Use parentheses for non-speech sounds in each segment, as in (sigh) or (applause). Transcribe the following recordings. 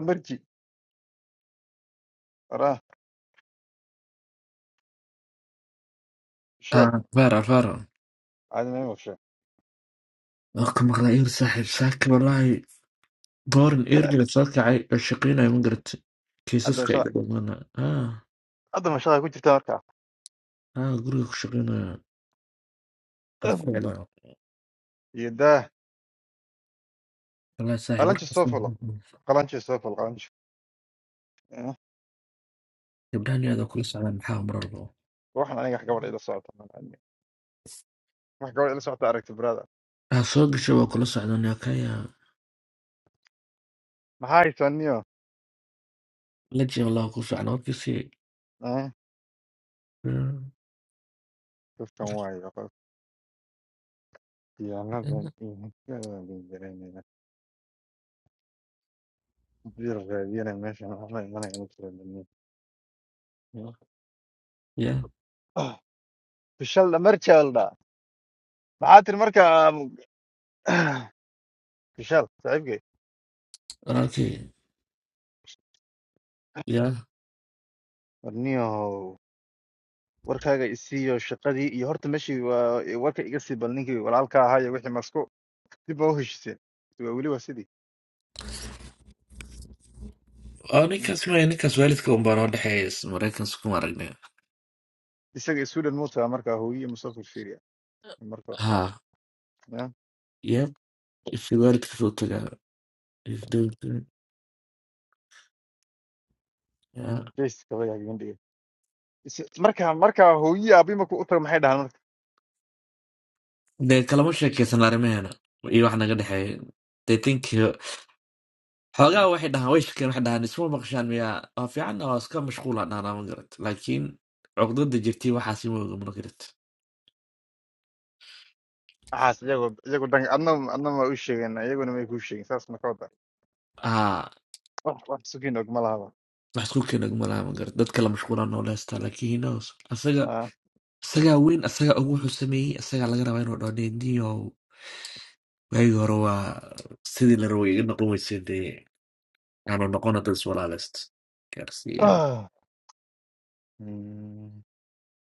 marji walahi shal Ah, Vera, Vera, caadi ma ima fusha waan ka maqlay eer saaxiib, saaki wallaahi. Boorin eeriga soo kacay oo shaqaynaya ma garatay. hadda Kiisaska iga mashaqada dhammaana. Ah, hadda mashaqada ku jirtaa markaa ah, guriga ku shaqaynaya. Alficla. iyo daa Wallaahi saaxiib, qalanji markaas soo fulo qalanji soo fulo qalanji Eh, gabdhahan yaada kula socdaan maxaa mar walba. waxaan aniga wax gabadha ila socota ma aanin. wax gabadha ila socota aragti brada Ah, soo gashay waa kula socdaan yaa kaya. maxaa haysaaniyo La jeeb Allah ku socda warkiisii. Eh, qofkan waayo qof khiyaanadan iyo hubkaadan bay jaraynayna bir raadiyana meeshan waxba imanaya ma jira dunya Ya, fishalda marjalda maxaa tiri marka fishal saaxiibkay walaalkii. Ya. warniyahow warkaaga i siiyo shaqadii iyo horta meeshii waa warka iga sii bal ninkii walaalka ahaa iyo wixii masku dib waa u heshiiseen waa weli waa sidii Oh, Mm. ninkaas maya, ninkaas waalidka un baan oo dhexeeya Maraykanka kuma aragnay. isaga sweden muu tagaa markaa hooyiyo musafir fiiriya marka Ha, ya yep, if waalidka soo tagaa. Yeah. jees kaba yaa gabandhiga Is- marka markaa hooyiyo aabii markuu u tago maxay dhahaan marka dee kalama sheekaysan arrimaheena iyo wax naga dhexeeya they think uh, xoogaa Mm. waxay dhahaan way shakeen waxay dhahaan isma maqashaan miyaa waa fiican oo iska mashquulaan dhahnaa ma garat laakiin cuqdada jirtay waxaasi ma oga ma garat waxaas iyagu iyagu dhan adna adna ma u sheegeen iyaguna may kuu sheegin saas marka wada aa wax wax sugin og ma lahaba wax isku keena oguma laha ma garat dadka la mashquulaa noola heystaa laakiin he knows asaga Ah. isagaa weyn asagaa ugu wuxuu sameeyey asagaa laga rabaa inuu dhooneyndiyo waagii hore waa sidii la rabay iga noqon weysay dee aanu noqona dad iswalaaleyst Ah. (sighs) Mm.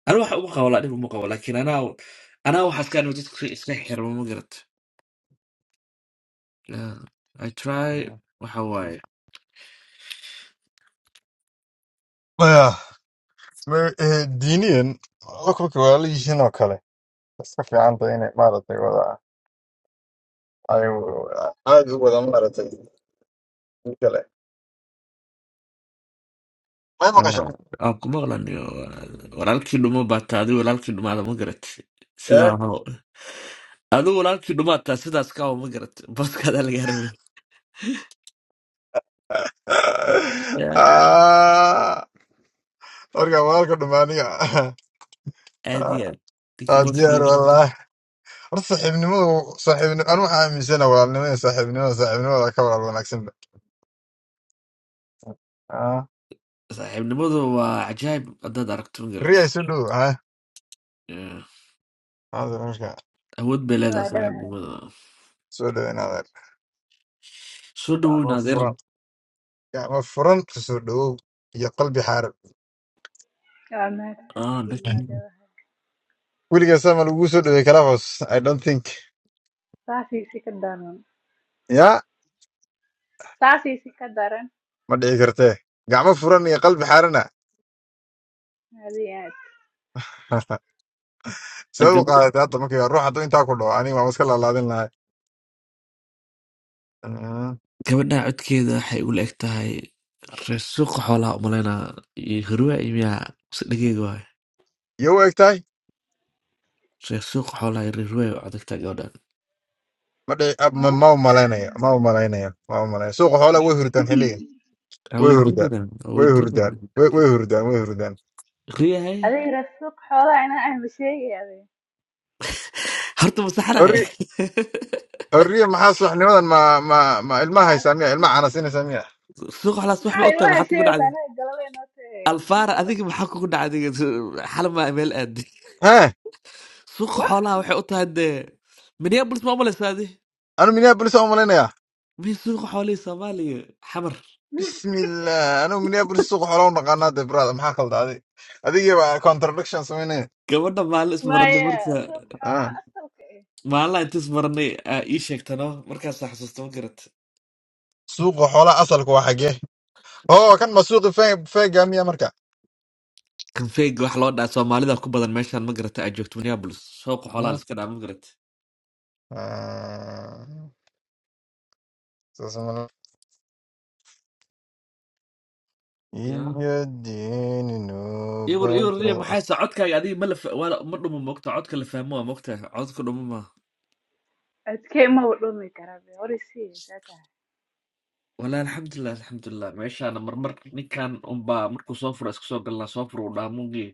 Ana wax uma qabo laakiin uma qabo laakiin anaa anaa waxaas kaan dadka iska xirma ma garata Yeah, I try Yeah. waxa waaye maya ma- eh, diiniyan la kulka waa la yihiin oo kale Iska fiican tahay inay maaragtay wada ay aad u wada maaragtay kale may maqasho Ah, aan ku maqlaniyo walaalkii dhuma baataa adigu walaalkii dhumaada ma garata Eh? sidaa aho adigu walaalkii dhumaataa sidaas ka aho ma garata booskaada lagaa rabay Yeah, Ah, warka walaalka dhamaaniga aad iyo aad ninka waa booska diyaar laga rabay walaah horta saaxiibnimadu saaxiibnimo anu waxaa aaminsana walaalnimada saaxiibnimada saaxiibnimada ka walaal wanaagsan ba Ah, saaxiibnimadu waa cajaayib haddaad aragto ma garata riyay soo dhow ha Yeah, hada marka awood bay leedahay Waa dhagax saaxiibnimadu soo dhoweynaada soo gacmo dhaweyna adeer furan gacmo furan kusoo dhowow iyo qalbi xaaran waa maagsan Ah, waa laakiin- dhagax weligaa saa ma lagugu soo dhowey kalaafos i don't think saasiisi ka daran ya saasii si ka daran ma dhici kartee gacmo furan iyo qalbi xaarana adii aad (laughs) sideed u qaadatay hadda markii ruux hadduu intaa ku dhaco aniga waan iska laalaadin lahay Mm. Gabadha codkeeda waxay u egtahay reer suuqa xoolaha umaleynaa iyo hirwe imiya mise dhegeyg waay iyo u egtahay reer suuqa xoolaha iyo reer hirwe u codagtaa gabadhan ma dhici ab- ma ma u malaynayo ma u Hmm. malaynayo ma u malaynayo suuqa xoolaha way hurdaan xilligan waa way weydii hurdaan badan waa way weydii hurdaan badan way way hurdaan way hurdaan riyahay adiga raadsuuq xoolaha inaa ahma sheegi adiga horta masaxanahay horri horriya maxaa subaxnimadan ma ma ma ilmaha haysaa miya ilmaha canasinaysaa miya (laughs) suuqa xoolaha subax maxaa ma u tahay ilmaha maxaa kugu dhacday sheegataa anaga galaba inoo tagay maxaa alfaara qaldan adiga maxaa kugu dhacday xal maa meel aadi hee suuqa wah xoolaha waxay u tahay dee minneapolis ma umaleysaa adi anu minneapolis aan u malaynayaa mii suuqa xoolihii soomaaliya xamar bismillah anu minneapolis suuqa xoolaha u naqaanaa dee brother maxaa kaldaaday adigiiba contradiction samaynaya gabadha maalin maya ismaradna suuq xoolaha asalka eh Maalin inta ismarnay aa ii sheegtano markaas xasuusta ma garat suuqa xoolaha asalka waa xagee oo kan ma suuqi fee fee gaamiya marka kanfeega wax loo dhaa soomaalida ku badan meeshan ma garata aa joogto minneapolis shooqa xoolaa Mm. liska dhaa ma garat Ah, saas ma la- iyo diini iwar nubado iwarniya maxay sa codkaaga adiga ma la fa- waa la- ma dhumo moogta codka la fahmo waa moogta codka dhumo ma codkee ma dhumi karaa be hore sii saa tahay walaa alxamdulilah alxamdulilah meeshaana marmar ninkan unbaa markuu soo furo isku soo galnaa soo furo u dhaa muugi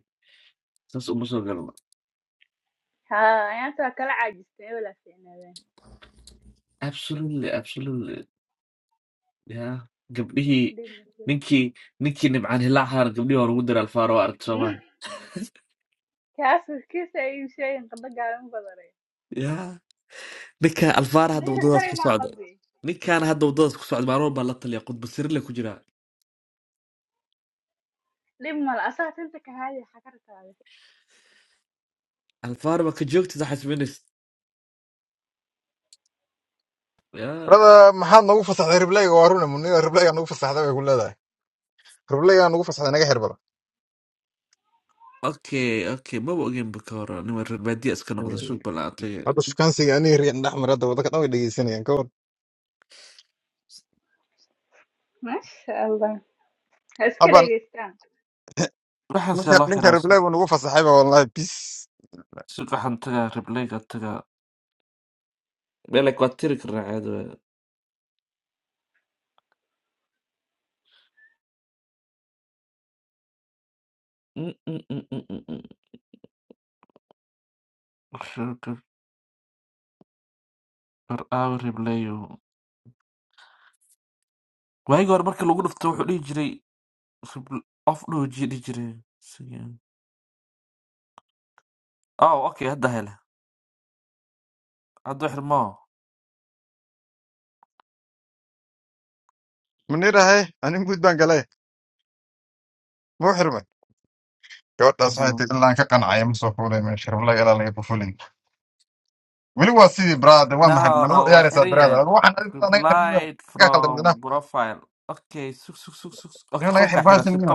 saas uma soo galno haa ayaanta waa kala caajista ee walaa fiicnaadaan absolutely absolutely ya gabdhihii ninkii ninkii nibcaan hilaacaana gabdhihii hore ugu dira alfaaro waa arag kaas kiisa iib sheegin qandho gaaban badan soomaa ninka alfaar hadda ليه waddadaas تتخانقي ku مع socda قلبي ninkaan hadda waddadaas ku socda maanuun baan la taliya qudba sirle ku jiraa ليه ما الأساس انت كهاي حكرت هذا alfaar ma ka joogtid xasminis ya brada maxaad noogu fasaxday ribleyga waa runa mun- ribleyga nagu fasaxday bay ku leedahay ribleyga nagu fasaxday naga xir bada okay okay maba ogeyn ba ka hor niman reer baadiya iska noqda suuq balaatay hadda shukaansiga aniga riyan dhex maray hadda waddanka dhan way dhegeysanayaan ka war ما شاء الله بس haban كده waxaasee ninka loo ninka xiraa ribley su- buu nagu fasaxayba wallahi bis suuqaxan tagaa ribleyga tagaa meelek waa tiri karnaa caadi waayo ribleyo waagi hore marka lagu dhufto wuxuu dhihi jiray rib- off dhooji dhihi jiray Sige. oh okay hadda hele hadda xirmo munirahay anin guud baan galay mau xirmay gabadhaas waxay tiri ilaa aan ka qancaya ma soo fuulay meesha ribley ilaa laga ku fulin ولو سيدي براد واحد No, من no, يا waa ريس xiran yahay. براد واحد انا نحر ميو Replied قاعد from profile. Okay, sug sug sug sug. Okay, نحر qolka xira, باش ميو